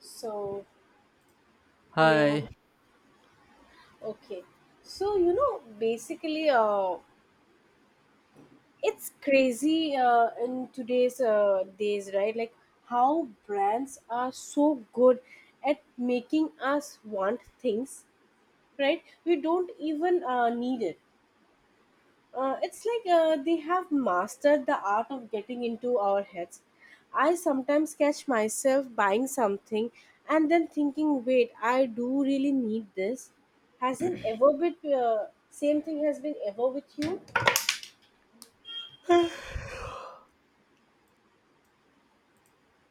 So, hello. Hi. Okay. So, basically, it's crazy in today's days, right? Like how brands are so good at making us want things, right? We don't even need it. It's like they have mastered the art of getting into our heads. I sometimes catch myself buying something and then thinking, wait, I do really need this. Hasn't ever been, Same thing has been ever with you?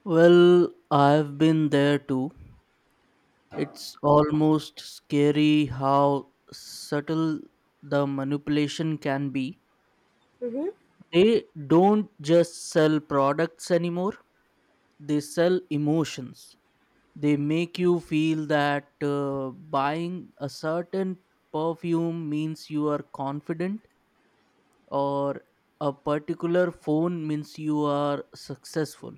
Well, I've been there too. It's almost scary how subtle the manipulation can be. Mm-hmm, They don't just sell products anymore, they sell emotions. They make you feel that buying a certain perfume means you are confident, or a particular phone means you are successful.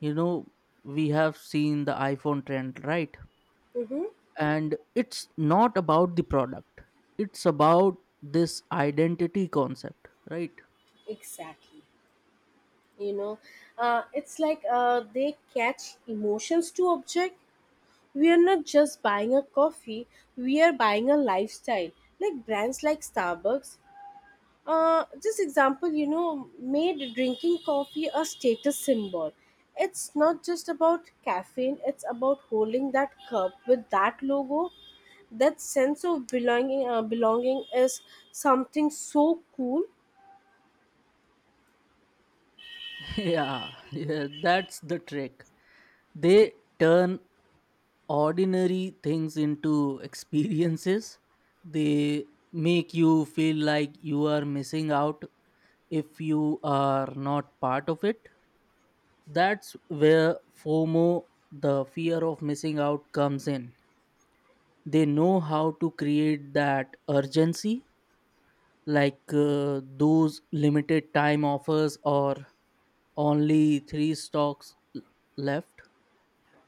You know, we have seen the iPhone trend, right? mm-hmm, And it's not about the product, it's about this identity concept, right? exactly. You know, it's like they catch emotions to object. We are not just buying a coffee, we are buying a lifestyle. Like brands like Starbucks. This example, made drinking coffee a status symbol. It's not just about caffeine, it's about holding that cup with that logo. That sense of belonging, belonging is something so cool. Yeah, yeah, that's the trick, they turn ordinary things into experiences, they make you feel like you are missing out if you are not part of it. That's where fomo, the fear of missing out, comes in. They know how to create that urgency, like those limited time offers or only three stocks l- left,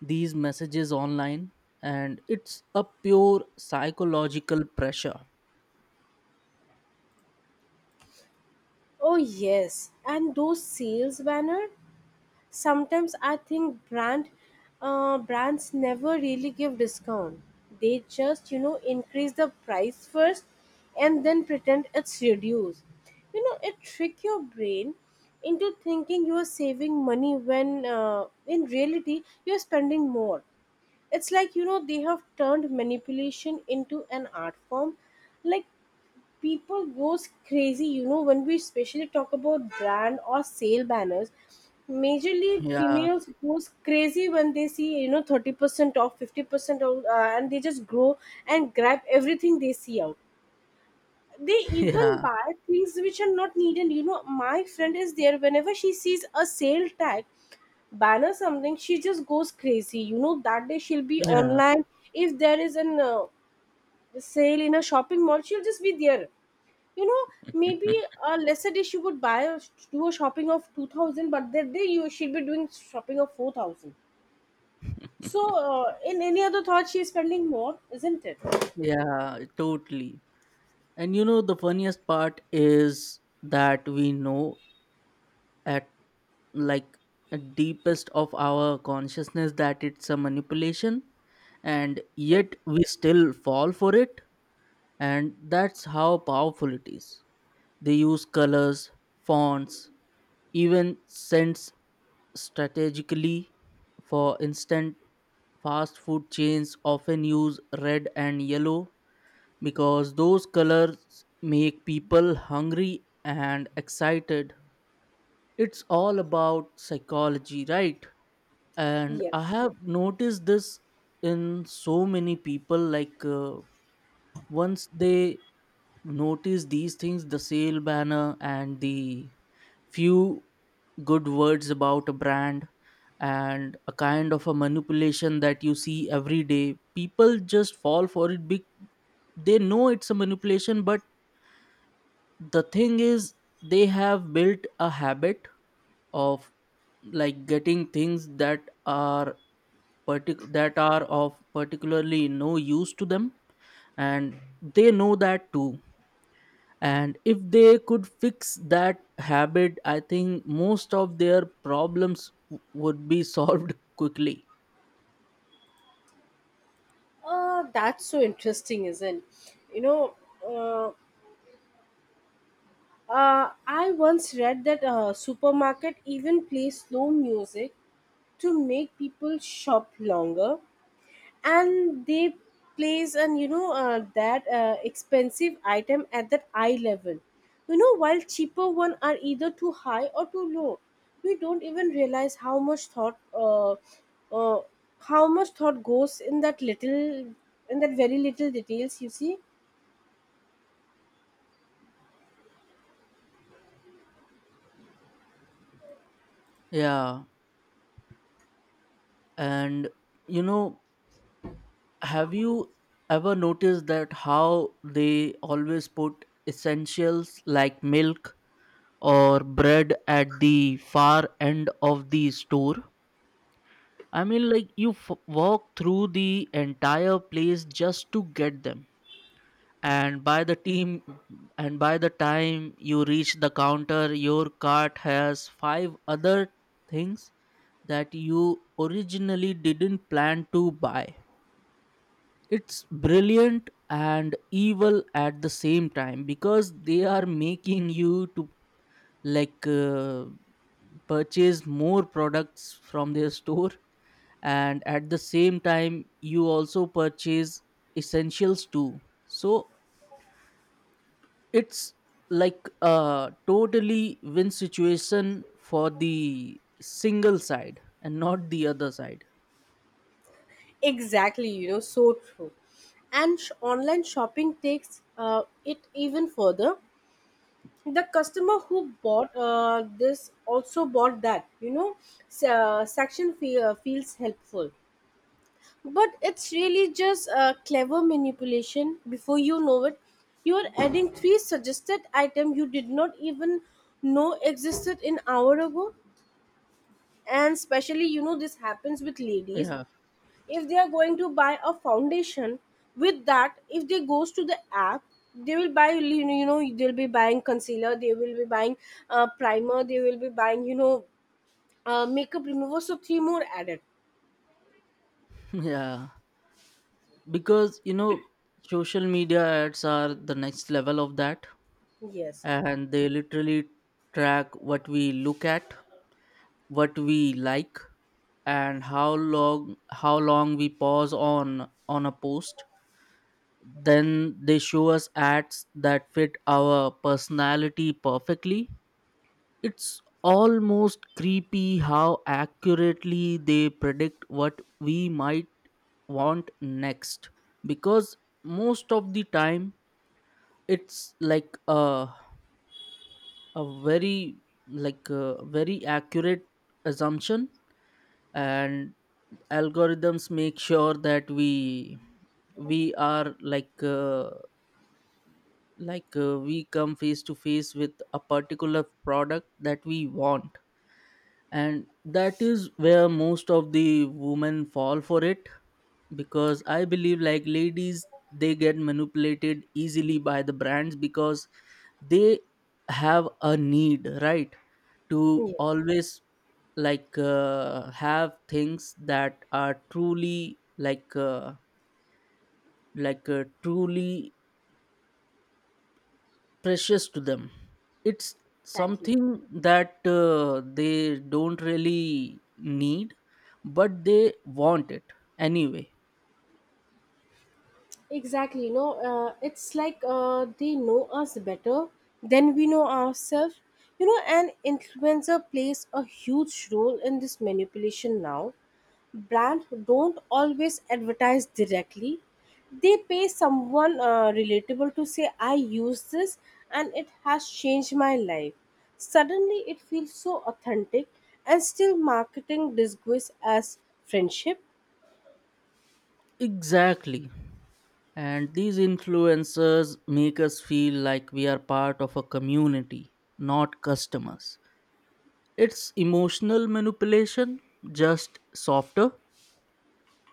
these messages online, and it's a pure psychological pressure. Oh, yes. And those sales banner. Sometimes I think brands never really give discount. They just increase the price first and then pretend it's reduced. It trick your brain into thinking you are saving money when in reality you are spending more. It's like they have turned manipulation into an art form. Like people goes crazy when we especially talk about brand or sale banners majorly Yeah. females goes crazy when they see 30% off 50% off and they just grow and grab everything they see out. They even yeah buy things which are not needed. My friend is there, whenever she sees a sale tag banner something she just goes crazy. That day she'll be yeah online. If there is an sale in a shopping mall she'll just be there, you know. Maybe a lesser day she would buy do a shopping of 2000, but that day you she'd be doing shopping of 4000. So, in any other thought she's spending more, isn't it? yeah totally. And you know the funniest part is that we know at, like, at deepest of our consciousness that it's a manipulation, and yet we still fall for it, and that's how powerful it is. They use colors, fonts, even scents strategically. For instance, fast food chains often use red and yellow because those colors make people hungry and excited. It's all about psychology, right? And I Yes, have noticed this in so many people, like once they notice these things, the sale banner and the few good words about a brand and a kind of a manipulation that you see every day, people just fall for it. They know it's a manipulation, but the thing is, they have built a habit of, like, getting things that are that are of particularly no use to them, and they know that too. And if they could fix that habit, I think most of their problems would be solved quickly. That's so interesting, isn't you know uh, I once read that supermarket even play slow music to make people shop longer, and they place and you know that expensive item at that eye level, while cheaper one are either too high or too low. We don't even realize uh, how much thought goes in that very little details you see. Yeah. And you know, have you ever noticed that how they always put essentials like milk or bread at the far end of the store? I mean, like, you walk through the entire place just to get them, and by the time you reach the counter, your cart has five other things that you originally didn't plan to buy. It's brilliant and evil at the same time, because they are making you to, like purchase more products from their store, and at the same time you also purchase essentials too. So it's like a totally win situation for the single side and not the other side. Exactly, so true. And online shopping takes it even further. The customer who bought this also bought that, feels helpful, but it's really just a clever manipulation. Before you know it, you are adding three suggested items you did not even know existed an hour ago. And especially, this happens with ladies. Yeah. If they are going to buy a foundation, with that if they goes to the app, they will buy, they'll be buying concealer, they will be buying primer, they will be buying, makeup remover. So three more added. Yeah, because you know, social media ads are the next level of that, Yes, and they literally track what we look at, what we like, and how long we pause on a post. Then they show us ads that fit our personality perfectly. It's almost creepy how accurately they predict what we might want next, because most of the time it's like a very, like a very accurate assumption. And algorithms make sure that we are like we come face to face with a particular product that we want, and that is where most of the women fall for it, because I believe, like, ladies, they get manipulated easily by the brands because they have a need, right, to yes, always, like have things that are truly like truly precious to them. It's exactly. something that they don't really need, but they want it anyway. Exactly. No, it's like they know us better than we know ourselves. You know, and influencer plays a huge role in this manipulation now. Brands don't always advertise directly. They pay someone relatable to say, I use this and it has changed my life. Suddenly, it feels so authentic, and still marketing disguise as friendship. Exactly. And these influencers make us feel like we are part of a community, not customers. It's emotional manipulation, just softer.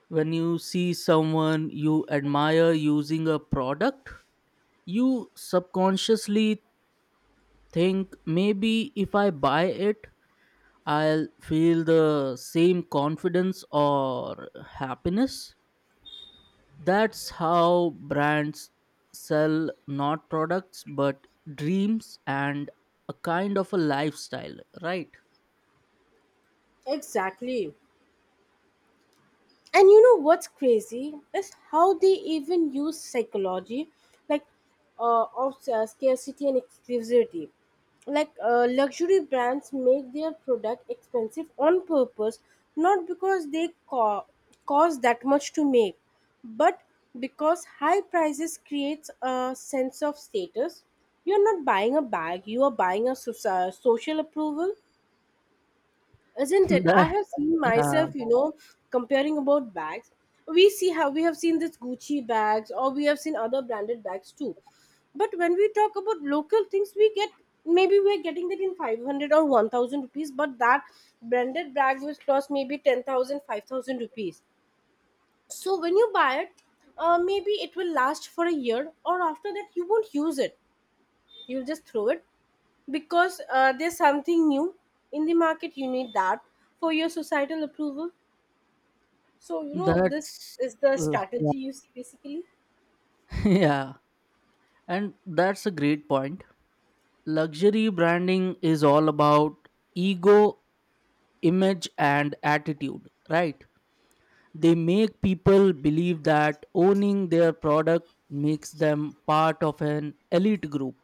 When you see someone you admire using a product, you subconsciously think, maybe if I buy it, I'll feel the same confidence or happiness. That's how brands sell, not products but dreams and a kind of a lifestyle, right? Exactly. And you know what's crazy is how they even use psychology, like of scarcity and exclusivity. Like luxury brands make their product expensive on purpose, not because they cost that much to make, but because high prices creates a sense of status. You're not buying a bag; you are buying a social approval, isn't it? I That, have seen yeah, myself, you know, comparing about bags. We have seen this Gucci bags, or we have seen other branded bags too. But when we talk about local things we get, maybe we're getting that in 500 or 1000 rupees, but that branded bag will cost maybe 10000 5000 rupees. So when you buy it, maybe it will last for a year, or after that you won't use it, you'll just throw it, because there's something new in the market, you need that for your societal approval. So, you know, this that's is the yeah. strategy you see basically. Yeah, and that's a great point. Luxury branding is all about ego, image, and attitude, right? They make people believe that owning their product makes them part of an elite group.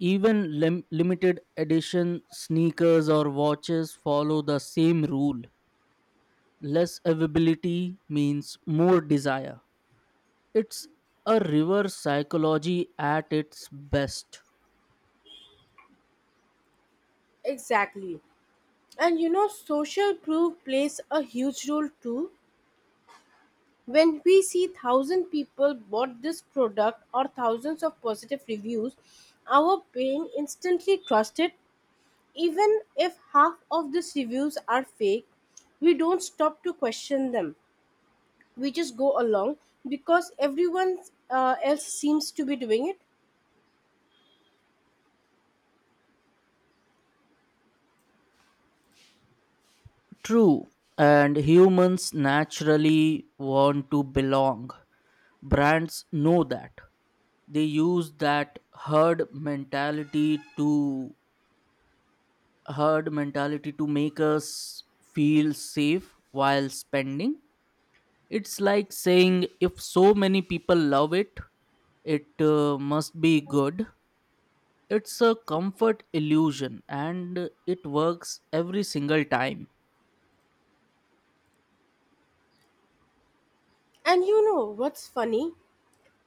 Even limited edition sneakers or watches follow the same rule. Less availability means more desire. It's a reverse psychology at its best. Exactly. And you know social proof plays a huge role too. When we see thousand people bought this product, or thousands of positive reviews, our brain instantly trusts it, even if half of these reviews are fake. We don't stop to question them, we just go along because everyone else seems to be doing it. True, and humans naturally want to belong. Brands know that. They use that herd mentality to herd mentality to make us feel safe while spending. It's like saying, if so many people love it, it must be good. It's a comfort illusion, and it works every single time. And you know what's funny?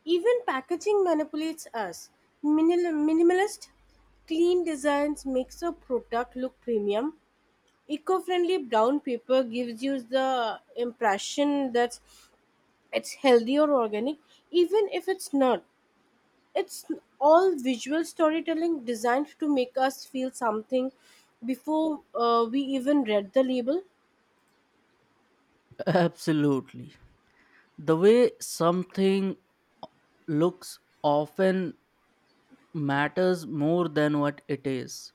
Even packaging manipulates us. Minimalist, clean designs makes a product look premium. Eco-friendly brown paper gives you the impression that it's healthy or organic, even if it's not. It's all visual storytelling designed to make us feel something before we even read the label. Absolutely, the way something looks often matters more than what it is.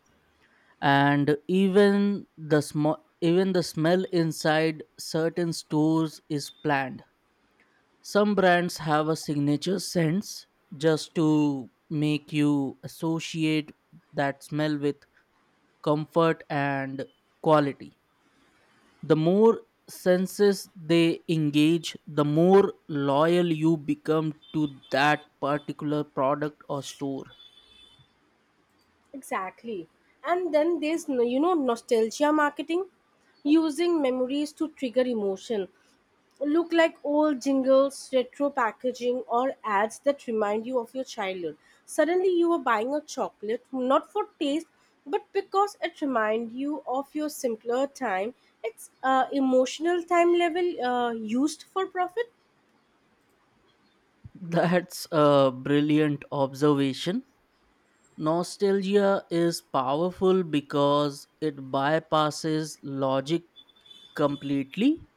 And even the smell inside certain stores is planned. Some brands have a signature sense just to make you associate that smell with comfort and quality. The more senses they engage, the more loyal you become to that particular product or store. Exactly. And then there's, nostalgia marketing, using memories to trigger emotion. Look like old jingles, retro packaging, or ads that remind you of your childhood. Suddenly, you are buying a chocolate not for taste, but because it reminds you of your simpler time. It's emotional time level used for profit. That's a brilliant observation. Nostalgia is powerful because it bypasses logic completely.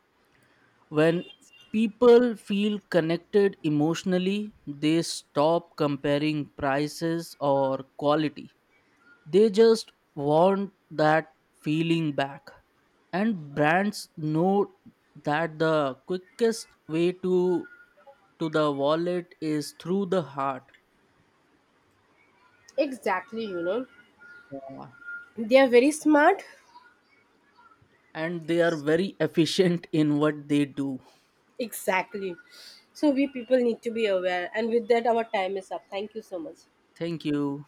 When people feel connected emotionally, they stop comparing prices or quality. They just want that feeling back. And brands know that the quickest way to the wallet is through the heart. Exactly, you know. Yeah. They are very smart. And they are very efficient in what they do. Exactly. So we people need to be aware, and with that, our time is up. Thank you so much. Thank you.